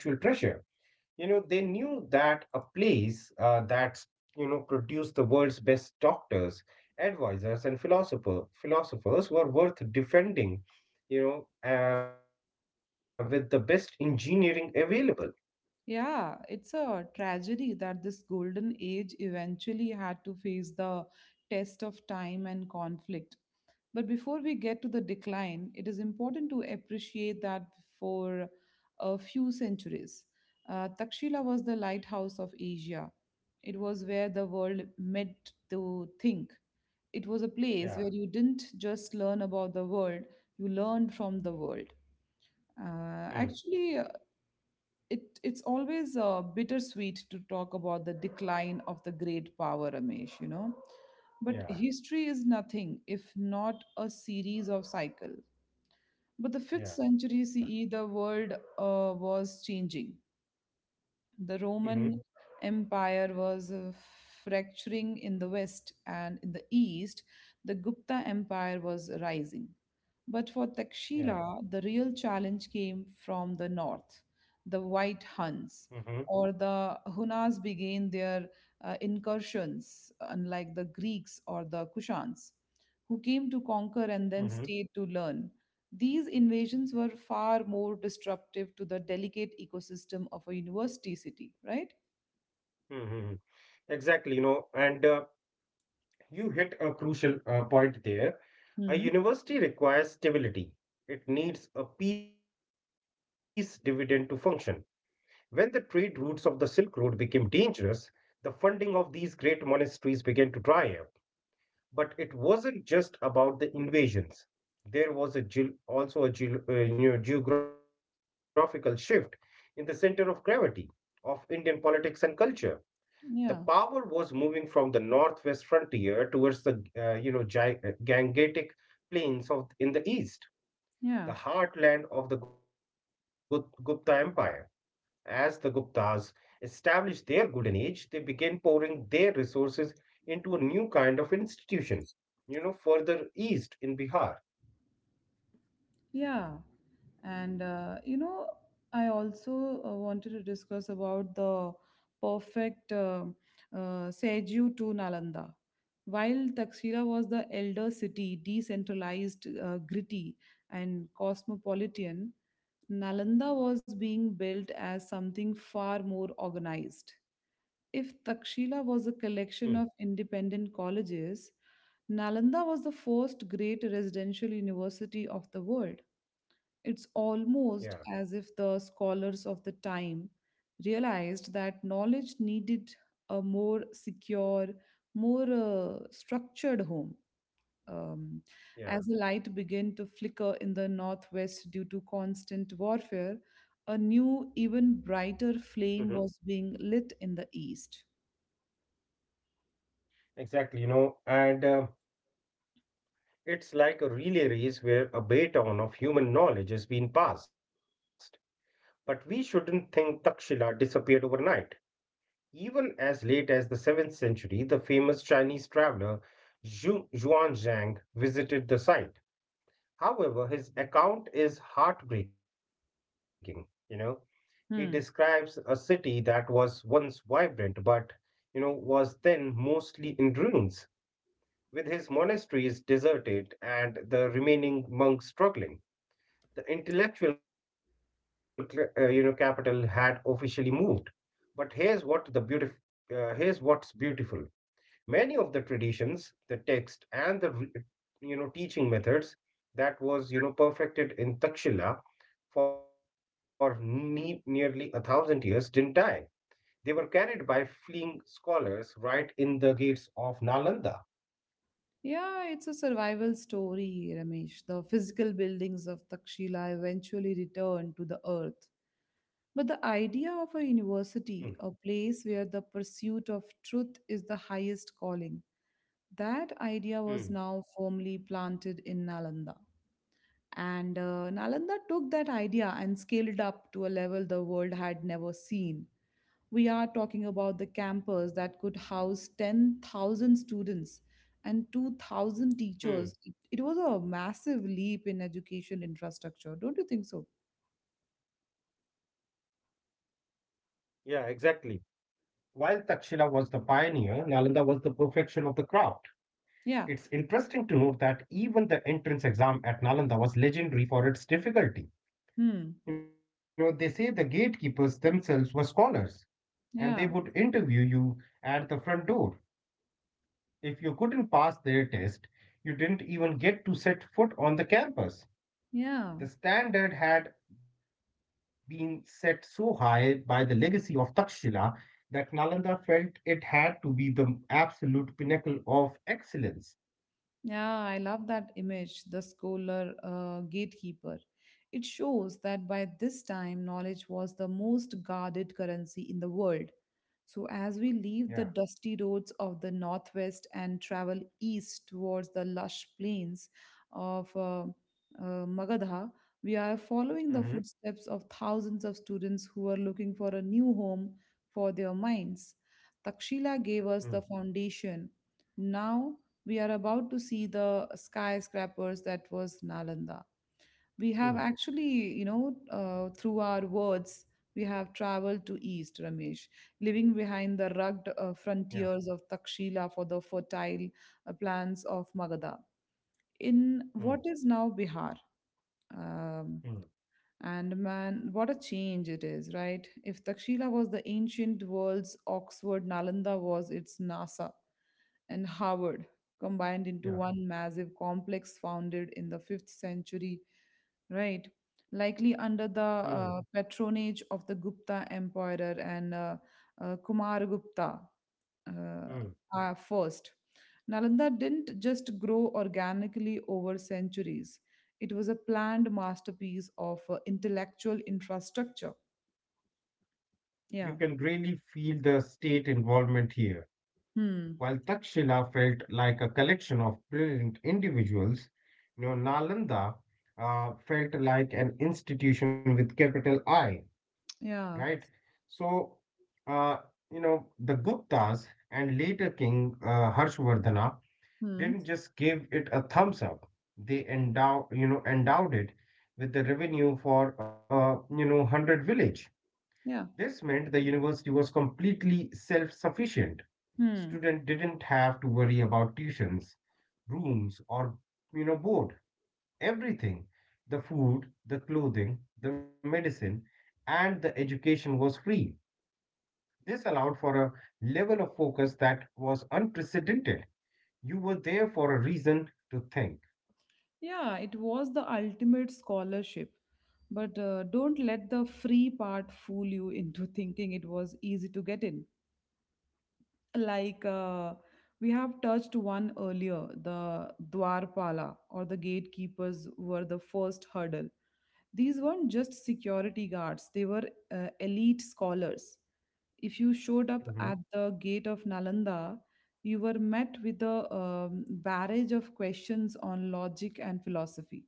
Speaker 2: They knew that a place that's produced the world's best doctors, advisors, and philosophers were worth defending, you know, uh, with the best engineering available.
Speaker 1: Yeah, it's a tragedy that this golden age eventually had to face the test of time and conflict. But before we get to the decline, it is important to appreciate that for a few centuries, Takshila was the lighthouse of Asia. It was where the world met to think. It was a
Speaker 2: Yeah.
Speaker 1: place where you didn't just learn about the world, you learned from the world.
Speaker 2: Hmm.
Speaker 1: Actually, it's always bittersweet to talk about the decline of the great power, Ramesh,
Speaker 2: Yeah.
Speaker 1: but history is nothing if not a series of cycle. But the fifth
Speaker 2: Yeah.
Speaker 1: century CE, the world was changing. The
Speaker 2: Mm-hmm.
Speaker 1: Roman Empire was fracturing in the west, and in the east, the Gupta Empire was rising. But for
Speaker 2: Yeah.
Speaker 1: Takshila, the real challenge came from the north. The White
Speaker 2: Mm-hmm.
Speaker 1: Huns or the Hunas began their incursions, unlike the Greeks or the Kushans, who came to conquer and
Speaker 2: Mm-hmm.
Speaker 1: then stayed to learn. These invasions were far more disruptive to the delicate ecosystem of a university city, right?
Speaker 2: Mm-hmm. Exactly, and you hit a crucial point there. A
Speaker 1: Hmm.
Speaker 2: university requires stability. It needs a peace dividend to function. When the trade routes of the Silk Road became dangerous, the funding of these great monasteries began to dry up. But it wasn't just about the invasions. There was a also a geographical shift in the center of gravity of Indian politics and culture. The power
Speaker 1: Yeah.
Speaker 2: was moving from the northwest frontier towards the Gangetic plains of in the east, the
Speaker 1: Yeah.
Speaker 2: heartland of the Gupta Empire. As the Guptas established their golden age, they begin pouring their resources into a new kind of institution, further east in Bihar.
Speaker 1: Yeah, and I also wanted to discuss about the perfect Seju to Nalanda. While Takshira was the elder city, decentralized, gritty, and cosmopolitan, Nalanda was being built as something far more organized.
Speaker 2: Hmm.
Speaker 1: If Takshila was a collection of independent colleges, Nalanda was the first great residential university of the world. It's
Speaker 2: Yeah,
Speaker 1: almost as if the scholars of the time realized that knowledge needed a more secure, more structured home.
Speaker 2: yeah.
Speaker 1: Um, as the light began to flicker in the northwest due to constant warfare, a
Speaker 2: Hmm.
Speaker 1: new, even brighter flame was being lit in the east.
Speaker 2: Exactly, you know, and it's like a relay race where a baton of human knowledge is being passed. But we shouldn't think Takshila disappeared overnight. Even as late as the 7th century, the famous Chinese traveler Zhu Zhuangzhang visited the site. However, his account is heartbreaking. He describes a
Speaker 1: Hmm.
Speaker 2: city that was once vibrant, but was then mostly in ruins, with his monasteries deserted and the remaining monks struggling. The intellectual capital had officially moved. But here's what's beautiful. Many of the traditions, the text, and the teaching methods that was perfected in Takshila for nearly a thousand years didn't die. They were carried by fleeing scholars right in the gates of Nalanda.
Speaker 1: Yeah, it's a survival story, Ramesh. The physical buildings of Takshila eventually returned to the earth. But
Speaker 2: Hmm.
Speaker 1: the idea of a university, a place where the pursuit of truth is the highest calling, that
Speaker 2: Hmm.
Speaker 1: idea was now firmly planted in Nalanda. And Nalanda took that idea and scaled up to a level the world had never seen. We are talking about the campus that could house 10,000 students and
Speaker 2: Hmm.
Speaker 1: 2,000 teachers. It was a massive leap in education infrastructure, don't you think so?
Speaker 2: Yeah, exactly. While Takshila was the pioneer, Nalanda was the perfection of the craft. It's interesting to note
Speaker 1: Yeah.
Speaker 2: that even the entrance exam at Nalanda was legendary for its difficulty. They
Speaker 1: Hmm.
Speaker 2: say the gatekeepers themselves were scholars and they would
Speaker 1: Yeah.
Speaker 2: interview you at the front door. If you couldn't pass their test, you didn't even get to set foot on the campus. The
Speaker 1: Yeah.
Speaker 2: standard had been set so high by the legacy of Takshila that Nalanda felt it had to be the absolute pinnacle of excellence.
Speaker 1: Yeah, I love that image, the scholar gatekeeper. It shows that by this time, knowledge was the most guarded currency in the world. So,
Speaker 2: Yeah.
Speaker 1: as we leave the dusty roads of the northwest and travel east towards the lush plains of Magadha, we are
Speaker 2: Mm-hmm.
Speaker 1: following the footsteps of thousands of students who are looking for a new home for their minds. Takshila gave us the foundation. Now we are about to see the skyscrapers that was Nalanda. We
Speaker 2: Mm-hmm.
Speaker 1: have actually, through our words, we have traveled to East, Ramesh, leaving behind
Speaker 2: Yeah.
Speaker 1: the rugged frontiers of Takshila for the fertile plants of Magadha.
Speaker 2: Mm-hmm.
Speaker 1: In what is now Bihar. Um, and man, what a change it is, right? If Takshila was the ancient world's Oxford, Nalanda was its NASA and
Speaker 2: Yeah.
Speaker 1: Harvard combined into one massive complex, founded in the 5th century, right? Likely under
Speaker 2: Mm-hmm.
Speaker 1: the patronage of the Gupta Emperor and Kumaragupta uh, first. Nalanda didn't just grow organically over centuries, it was a planned masterpiece of intellectual infrastructure.
Speaker 2: You can
Speaker 1: Yeah.
Speaker 2: really feel the state involvement here.
Speaker 1: Hmm.
Speaker 2: While Takshila felt like a collection of brilliant individuals, Nalanda felt like an institution with capital I,
Speaker 1: Yeah.
Speaker 2: right? So, uh, you know, the Guptas and later King Harshvardhana
Speaker 1: Hmm.
Speaker 2: didn't just give it a thumbs up. They endowed it with the revenue for 100 village.
Speaker 1: Yeah.
Speaker 2: This meant the university was completely self sufficient.
Speaker 1: Hmm.
Speaker 2: Students didn't have to worry about tuitions, rooms, or board. Everything — the food, the clothing, the medicine, and the education — was free. This allowed for a level of focus that was unprecedented. You were there for a reason to think.
Speaker 1: Yeah, it was the ultimate scholarship. But don't let the free part fool you into thinking it was easy to get in. like uh, we have touched one earlier, the dwarpala, or the gatekeepers, were the first hurdle. These weren't just security guards, they were elite scholars. If you showed up at
Speaker 2: Mhm.
Speaker 1: the gate of Nalanda, you were met with a barrage of questions on logic and philosophy.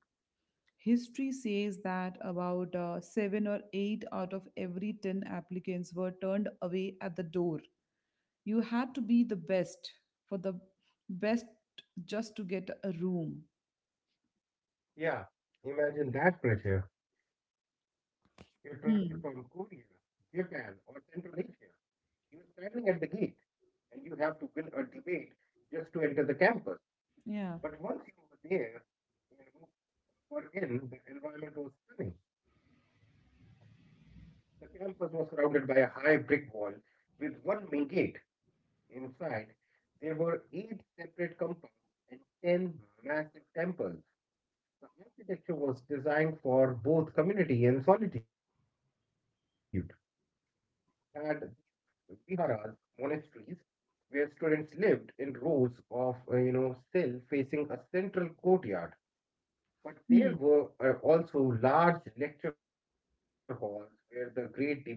Speaker 1: History says that about 7 or 8 out of every 10 applicants were turned away at the door. You had to be the best for the best just to get a room.
Speaker 2: Yeah, imagine that pressure. You travel from Korea,
Speaker 1: Hmm.
Speaker 2: Japan, or Central Asia. You were standing at the gate and you have to win a debate just to enter the campus.
Speaker 1: Yeah.
Speaker 2: But once you were there, you were in. The environment was stunning. The campus was surrounded by a high brick wall with one main gate. Inside, there were eight separate compounds and ten massive temples. The architecture was designed for both community and solitude. It had these viharas, monasteries, where students lived in rows of cells facing a central courtyard. But there
Speaker 1: Hmm.
Speaker 2: were also large lecture halls where the great debates happened.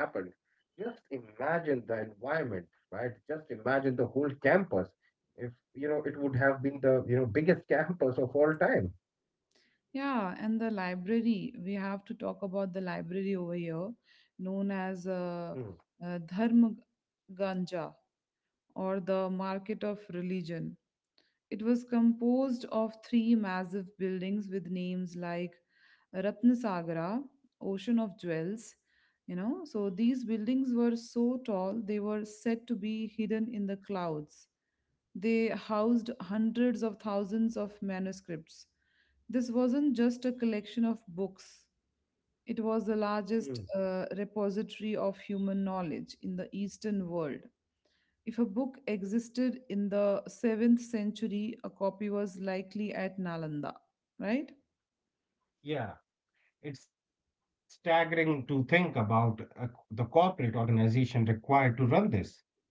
Speaker 2: Just imagine the environment, right? Just imagine the whole campus. If, you know, it would have been the biggest campus of all time.
Speaker 1: Yeah, and the library, we have to talk about the library over here, known
Speaker 2: Hmm.
Speaker 1: as Dharma Ganja, or the market of religion. It was composed of three massive buildings with names like Ratnasagara, Ocean of Jewels. You know, so these buildings were so tall they were said to be hidden in the clouds. They housed hundreds of thousands of manuscripts. This wasn't just a collection of books, it was the largest
Speaker 2: Mm.
Speaker 1: repository of human knowledge in the Eastern world. If a book existed in the 7th century, a copy was likely at Nalanda, right?
Speaker 2: Yeah, it's staggering to think about the corporate organization required to run this.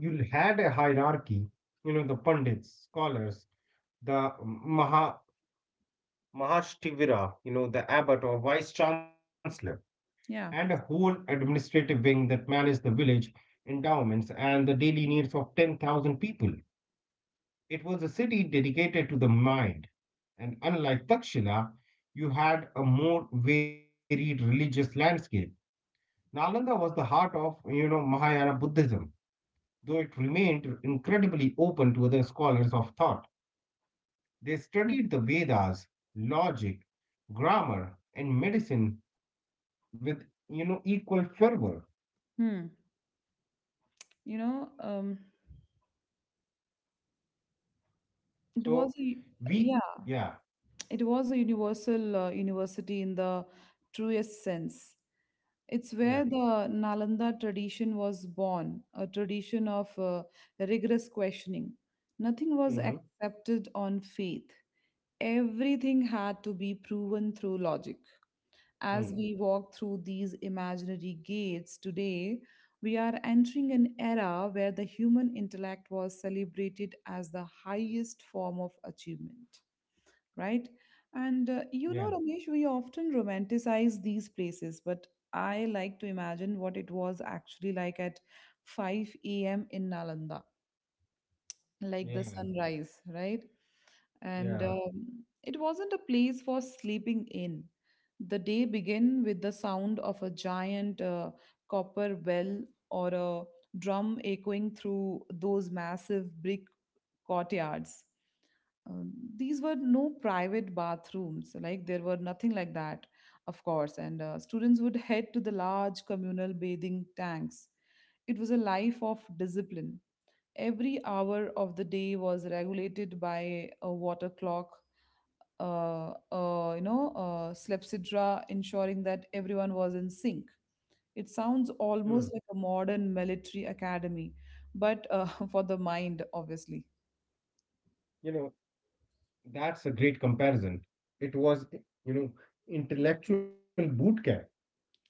Speaker 2: You had a hierarchy. The pundits, scholars, the maha mahashtivira, the abbot or vice chancellor, and a
Speaker 1: Yeah.
Speaker 2: whole administrative wing that managed the village endowments and the daily needs of 10,000 people. It was a city dedicated to the mind. And unlike Takshila, you had a more varied religious landscape. Nalanda was the heart of Mahayana Buddhism, though it remained incredibly open to other scholars of thought. They studied the Vedas, logic, grammar, and medicine with equal fervor.
Speaker 1: Hmm. You know, um,
Speaker 2: So,
Speaker 1: it was a,
Speaker 2: we,
Speaker 1: yeah,
Speaker 2: yeah,
Speaker 1: it was a universal university in the truest sense.
Speaker 2: yeah,
Speaker 1: It's where the Nalanda tradition was born, a tradition of rigorous questioning. Nothing
Speaker 2: mm-hmm.
Speaker 1: was accepted on faith. Everything had to be proven through logic.
Speaker 2: Mm,
Speaker 1: As we walk through these imaginary gates today, we are entering an era where the human intellect was celebrated as the highest form of achievement, right? And
Speaker 2: yeah,
Speaker 1: Ramesh, we often romanticize these places, but I like to imagine what it was actually like at 5 a.m. in Nalanda, like the
Speaker 2: yeah,
Speaker 1: sunrise, right? and
Speaker 2: yeah,
Speaker 1: it wasn't a place for sleeping in. The day began with the sound of a giant copper bell or a drum echoing through those massive brick courtyards. Uh, these were no private bathrooms, like there were nothing like that, of course. And students would head to the large communal bathing tanks. It was a life of discipline. Every hour of the day was regulated by a water clock, clepsydra, ensuring that everyone was in sync. It sounds
Speaker 2: mm.
Speaker 1: almost like a modern military academy, but for the mind, obviously.
Speaker 2: you know that's a great comparison. It was you know intellectual boot camp,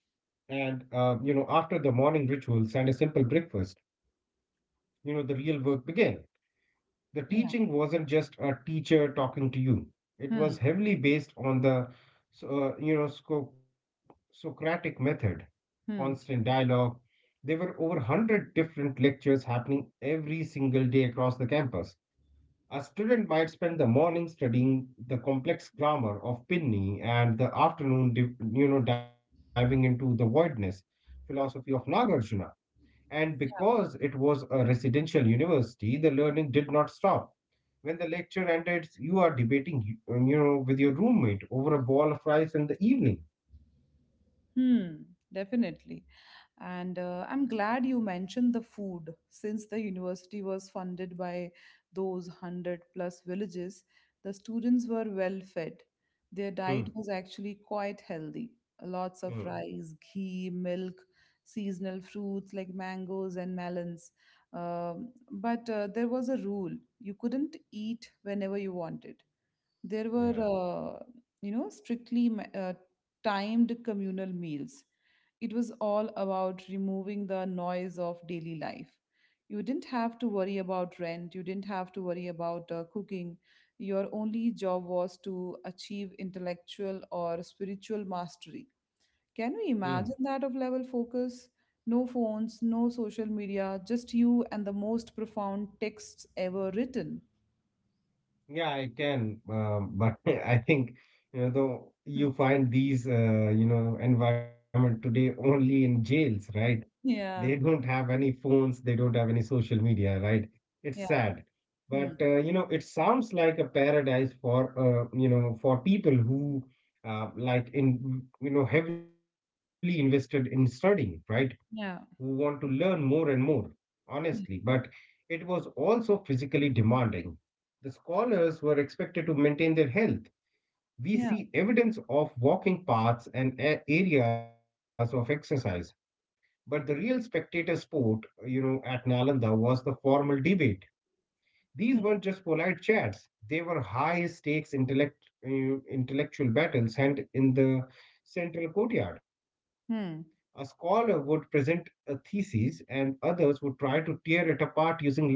Speaker 2: and after the morning rituals and a simple breakfast, the real work began. The
Speaker 1: Yeah.
Speaker 2: teaching wasn't just a teacher talking to you. It
Speaker 1: Hmm.
Speaker 2: was heavily based on the so- uh, you know Sco- Socratic method, constant
Speaker 1: Hmm.
Speaker 2: dialogue. There were over 100 different lectures happening every single day across the campus. A student might spend the morning studying the complex grammar of Pinni and the afternoon diving into the voidness philosophy of Nagarjuna. And because it was a residential university, the learning did not stop when the lecture ended. You are debating, with your roommate over a ball of rice in the evening.
Speaker 1: Hmm. Definitely. And I'm glad you mentioned the food. Since the university was funded by those 100 plus villages, the students were well fed. Their diet
Speaker 2: Hmm.
Speaker 1: was actually quite healthy. Lots of
Speaker 2: Hmm.
Speaker 1: rice, ghee, milk, seasonal fruits like mangoes and melons. But there was a rule, you couldn't eat whenever you wanted. There were,
Speaker 2: Yeah.
Speaker 1: uh, you know, strictly ma- uh, timed communal meals. It was all about removing the noise of daily life. You didn't have to worry about rent, you didn't have to worry about cooking. Your only job was to achieve intellectual or spiritual mastery. Can you
Speaker 2: Hmm.
Speaker 1: imagine that of level focus? No phones, no social media, just you and the most profound texts ever written.
Speaker 2: Yeah, I can, but I think though you find these environment today only in jails, right? They don't
Speaker 1: Yeah,
Speaker 2: have any phones, they don't have any social media, right? It's
Speaker 1: yeah,
Speaker 2: sad,
Speaker 1: hmm,
Speaker 2: but it sounds like a paradise for for people who like in heavily invested in studying, right? Who want to
Speaker 1: yeah.
Speaker 2: learn more and more, honestly, but
Speaker 1: Mm.
Speaker 2: it was also physically demanding. The scholars were expected to maintain their health. We see
Speaker 1: Yeah.
Speaker 2: evidence of walking paths and areas of exercise, but the real spectator sport, you know, at Nalanda was the formal debate. These weren't just polite chats; they were high stakes intellectual battles, and in the central courtyard. A
Speaker 1: Hmm.
Speaker 2: scholar would present a thesis and others would try to tear it apart using logic,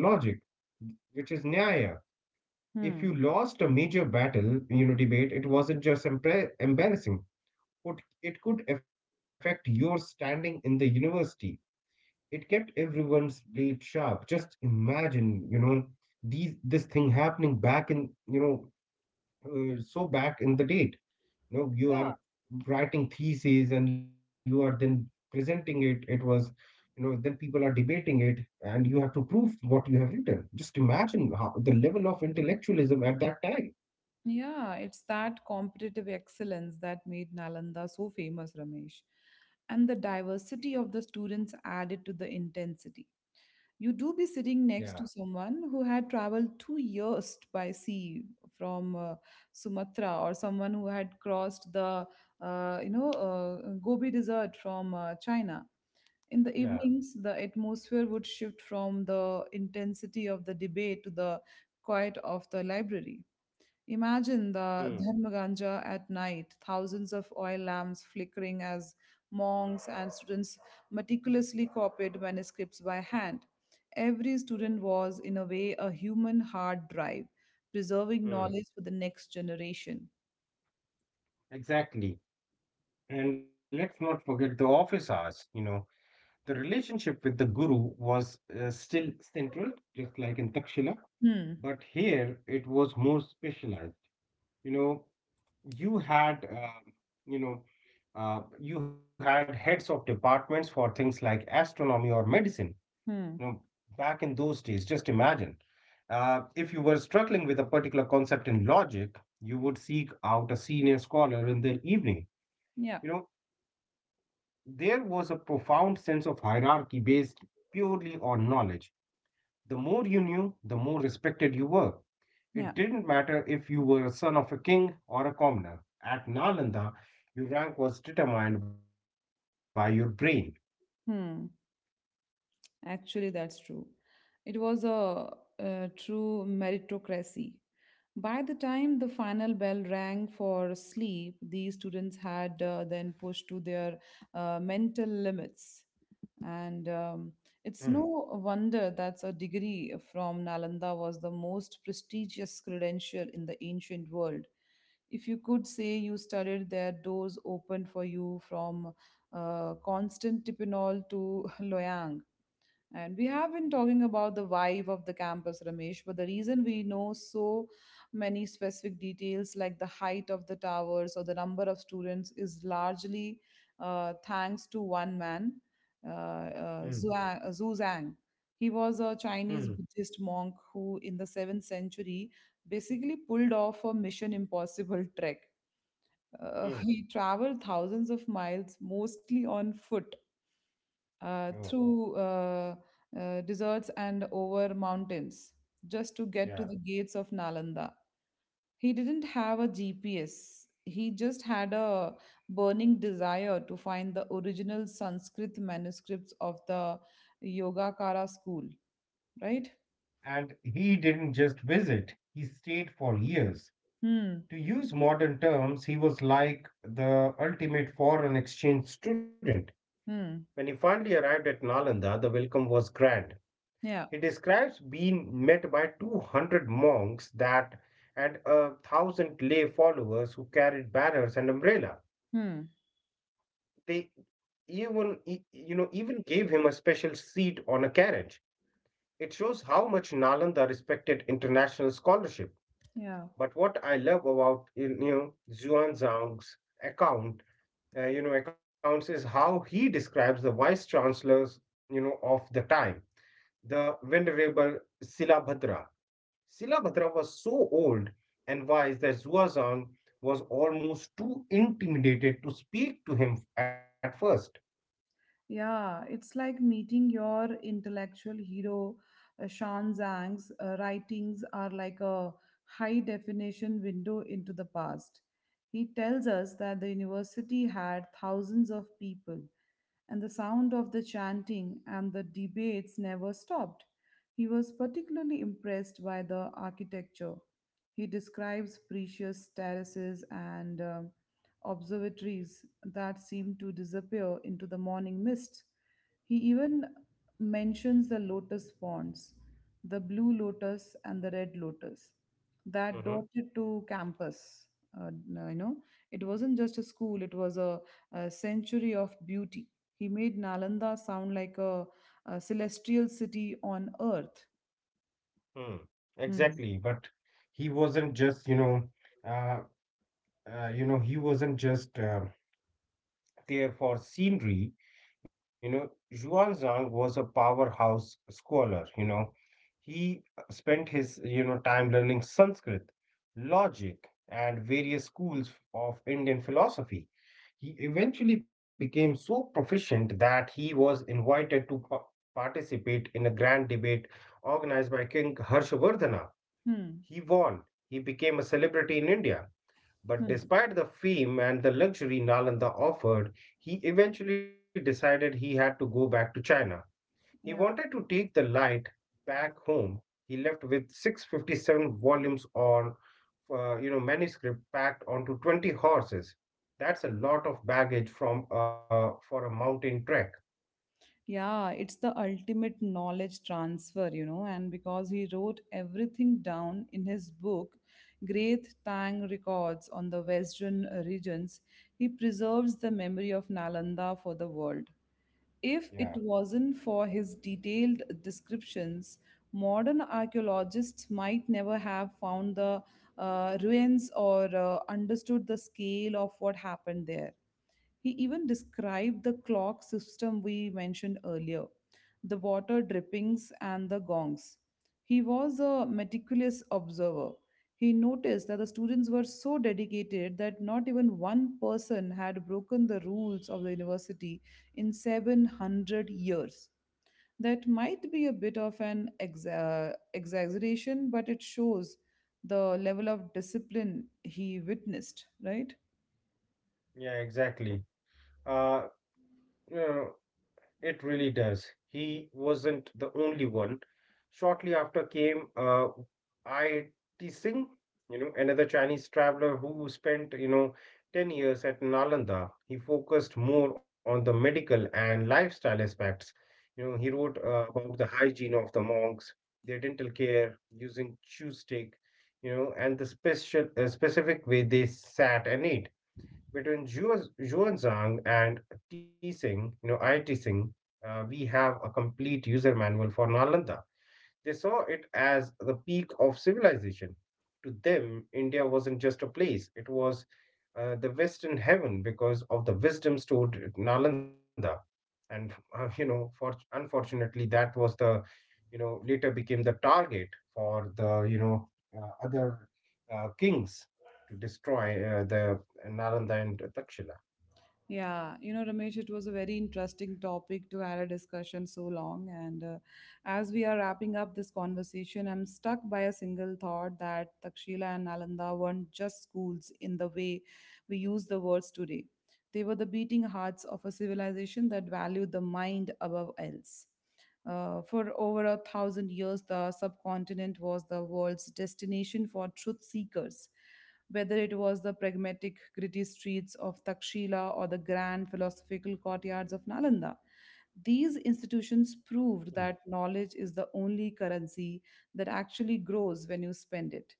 Speaker 2: which is Nyaya. If you
Speaker 1: Hmm.
Speaker 2: lost a major battle, you know, debate, it wasn't just embarrassing. It, it could affect your standing in the university. It kept everyone's blade sharp. Just imagine, you know, these this thing happening back in, you know, so back in the date,
Speaker 1: Yeah.
Speaker 2: you know, you are writing theses and you are then presenting it. It was, you know, then people are debating it, and you have to prove what you have written. Just imagine how the level of intellectualism at that time.
Speaker 1: Yeah. It's that competitive excellence that made Nalanda so famous, Ramesh. And the diversity of the students added to the intensity. You do be
Speaker 2: Yeah,
Speaker 1: sitting next to someone who had traveled 2 years by sea from Sumatra, or someone who had crossed the Gobi Desert from China. In the
Speaker 2: yeah.
Speaker 1: evenings, the atmosphere would shift from the intensity of the debate to the quiet of the library. Imagine the
Speaker 2: Mm,
Speaker 1: Dharmaganja at night, thousands of oil lamps flickering as monks and students meticulously copied manuscripts by hand. Every student was, in a way, a human hard drive, preserving knowledge
Speaker 2: mm,
Speaker 1: for the next generation.
Speaker 2: exactly. And let's not forget the office hours. You know, the relationship with the guru was still central, just like in Takshila,
Speaker 1: Hmm,
Speaker 2: but here it was more specialized. You know, you had you know you had heads of departments for things like astronomy or medicine,
Speaker 1: hmm,
Speaker 2: you know, back in those days. Just imagine, if you were struggling with a particular concept in logic, you would seek out a senior scholar in the evening.
Speaker 1: yeah,
Speaker 2: You know, there was a profound sense of hierarchy based purely on knowledge. The more you knew, the more respected you were.
Speaker 1: yeah,
Speaker 2: It didn't matter if you were a son of a king or a commoner. At Nalanda, your rank was determined by your brain.
Speaker 1: hmm. Actually, that's true. It was a true meritocracy. By the time the final bell rang for sleep, these students had then pushed to their mental limits. And it's no
Speaker 2: Hmm,
Speaker 1: wonder that a degree from Nalanda was the most prestigious credential in the ancient world. If you could say you studied there, doors opened for you from Constantinople to Loyang. And we have been talking about the vibe of the campus, Ramesh, but the reason we know so many specific details, like the height of the towers or the number of students, is largely thanks to one man,
Speaker 2: hmm,
Speaker 1: Zhu Zhang. He was a Chinese
Speaker 2: hmm,
Speaker 1: Buddhist monk who, in the 7th century, basically pulled off a mission impossible trek. He
Speaker 2: hmm.
Speaker 1: traveled thousands of miles, mostly on foot, uh,
Speaker 2: Oh,
Speaker 1: through uh, uh, deserts and over mountains just to get to
Speaker 2: yeah.
Speaker 1: the gates of Nalanda. He didn't have a GPS. He just had a burning desire to find the original Sanskrit manuscripts of the Yogacara school, right?
Speaker 2: And he didn't just visit, he stayed for years.
Speaker 1: Hmm.
Speaker 2: To use modern terms, he was like the ultimate foreign exchange student. When he
Speaker 1: Hmm.
Speaker 2: finally arrived at Nalanda, the welcome was grand.
Speaker 1: Yeah.
Speaker 2: He describes being met by 200 monks that and a thousand lay followers who carried banners and umbrella.
Speaker 1: Hmm.
Speaker 2: They even even gave him a special seat on a carriage. It shows how much Nalanda respected international scholarship.
Speaker 1: Yeah.
Speaker 2: But what I love about, you know, Xuanzang's account, accounts is how he describes the vice chancellors, you know, of the time, the venerable Silabhadra. Silabhadra was so old and wise that Zuazang was almost too intimidated to speak to him at first.
Speaker 1: Yeah, it's like meeting your intellectual hero. Shan Zhang's writings are like a high definition window into the past. He tells us that the university had thousands of people, and the sound of the chanting and the debates never stopped. He was particularly impressed by the architecture. He describes precious terraces and observatories that seem to disappear into the morning mist. He even mentions the lotus ponds, the blue lotus and the red lotus
Speaker 2: Mm-hmm.
Speaker 1: that dotted to campus. Uh, you know, it wasn't just a school, it was a sanctuary of beauty. He made Nalanda sound like a celestial city on earth.
Speaker 2: Hmm.
Speaker 1: Hmm.
Speaker 2: Exactly, but he wasn't just, uh, he wasn't just there for scenery. You know, Zhuang Zhang was a powerhouse scholar, you know. He spent his, you know, time learning Sanskrit, logic, and various schools of Indian philosophy. He eventually became so proficient that he was invited to participate in a grand debate organized by King Harshvardhana.
Speaker 1: Hmm.
Speaker 2: He won. He became a celebrity in India. But
Speaker 1: Hmm.
Speaker 2: despite the fame and the luxury Nalanda offered, he eventually decided he had to go back to China. He wanted
Speaker 1: Yeah.
Speaker 2: to take the light back home. He left with 657 volumes on, manuscript packed onto 20 horses. That's a lot of baggage from for a mountain trek.
Speaker 1: Yeah, it's the ultimate knowledge transfer, you know, and because he wrote everything down in his book, Great Tang Records on the Western Regions, he preserves the memory of Nalanda for the world. If
Speaker 2: Yeah.
Speaker 1: it wasn't for his detailed descriptions, modern archaeologists might never have found the ruins or understood the scale of what happened there. He even described the clock system we mentioned earlier, the water drippings, and the gongs. He was a meticulous observer, he noticed that the students were so dedicated that not even one person had broken the rules of the university in 700 years. That might be a bit of an exaggeration, but it shows the level of discipline he witnessed, right?
Speaker 2: Yeah, exactly. Uh, you know, it really does. He wasn't the only one. Shortly after came I T Singh, you know, another Chinese traveler who spent, you know, 10 years at Nalanda. He focused more on the medical and lifestyle aspects. You know, he wrote about the hygiene of the monks, their dental care using chew stick, you know, and the special specific way they sat and ate between Xuanzang and T. Tsing, you know, I. T. Tsing, we have a complete user manual for Nalanda. They saw it as the peak of civilization. To them, India wasn't just a place, it was the Western heaven because of the wisdom stored at Nalanda. And, for, unfortunately, that was the, you know, later became the target for the, other kings to destroy the Nalanda and Takshila.
Speaker 1: Yeah, you know, Ramesh, it was a very interesting topic to have a discussion so long. And as we are wrapping up this conversation, I'm stuck by a single thought that Takshila and Nalanda weren't just schools in the way we use the words today. They were the beating hearts of a civilization that valued the mind above else. For over a thousand years, the subcontinent was the world's destination for truth seekers, whether it was the pragmatic, gritty streets of Takshila or the grand philosophical courtyards of Nalanda. These institutions proved that knowledge is the only currency that actually grows when you spend it.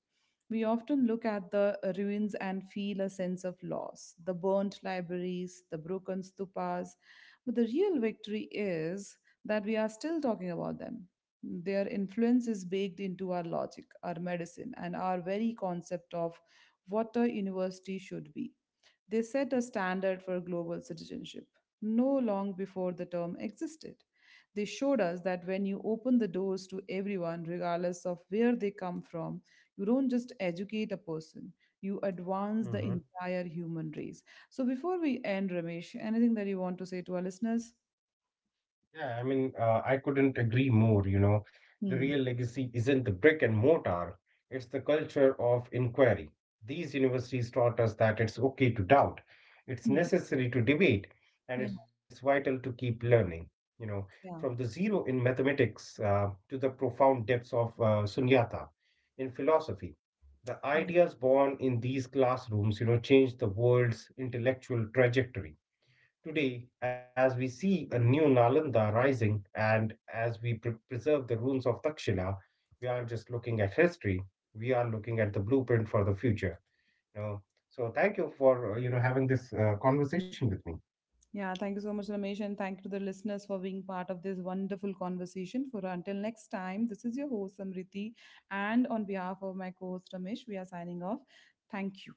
Speaker 1: We often look at the ruins and feel a sense of loss, the burnt libraries, the broken stupas, but the real victory is that we are still talking about them. Their influence is baked into our logic, our medicine, and our very concept of what a university should be. They set a standard for global citizenship no long before the term existed. They showed us that when you open the doors to everyone, regardless of where they come from, you don't just educate a person, you advance the
Speaker 2: Hmm.
Speaker 1: entire human race. So, before we end, Ramesh, anything that you want to say to our listeners?
Speaker 2: Yeah, I mean, I couldn't agree more, you know. The
Speaker 1: Hmm.
Speaker 2: real legacy isn't the brick and mortar, it's the culture of inquiry. These universities taught us that it's okay to doubt, it's
Speaker 1: Hmm.
Speaker 2: necessary to debate, and
Speaker 1: Yeah,
Speaker 2: it's vital to keep learning, you know, from the
Speaker 1: yeah,
Speaker 2: zero in mathematics to the profound depths of sunyata in philosophy. The
Speaker 1: yeah.
Speaker 2: ideas born in these classrooms, you know, changed the world's intellectual trajectory. Today, as we see a new Nalanda rising and as we preserve the ruins of Takshila, we aren't just looking at history, we are looking at the blueprint for the future. You know? So thank you for having this conversation with me.
Speaker 1: Yeah, thank you so much, Ramesh, and thank you to the listeners for being part of this wonderful conversation. For until next time, this is your host Samriti, and on behalf of my co-host Ramesh, we are signing off. Thank you.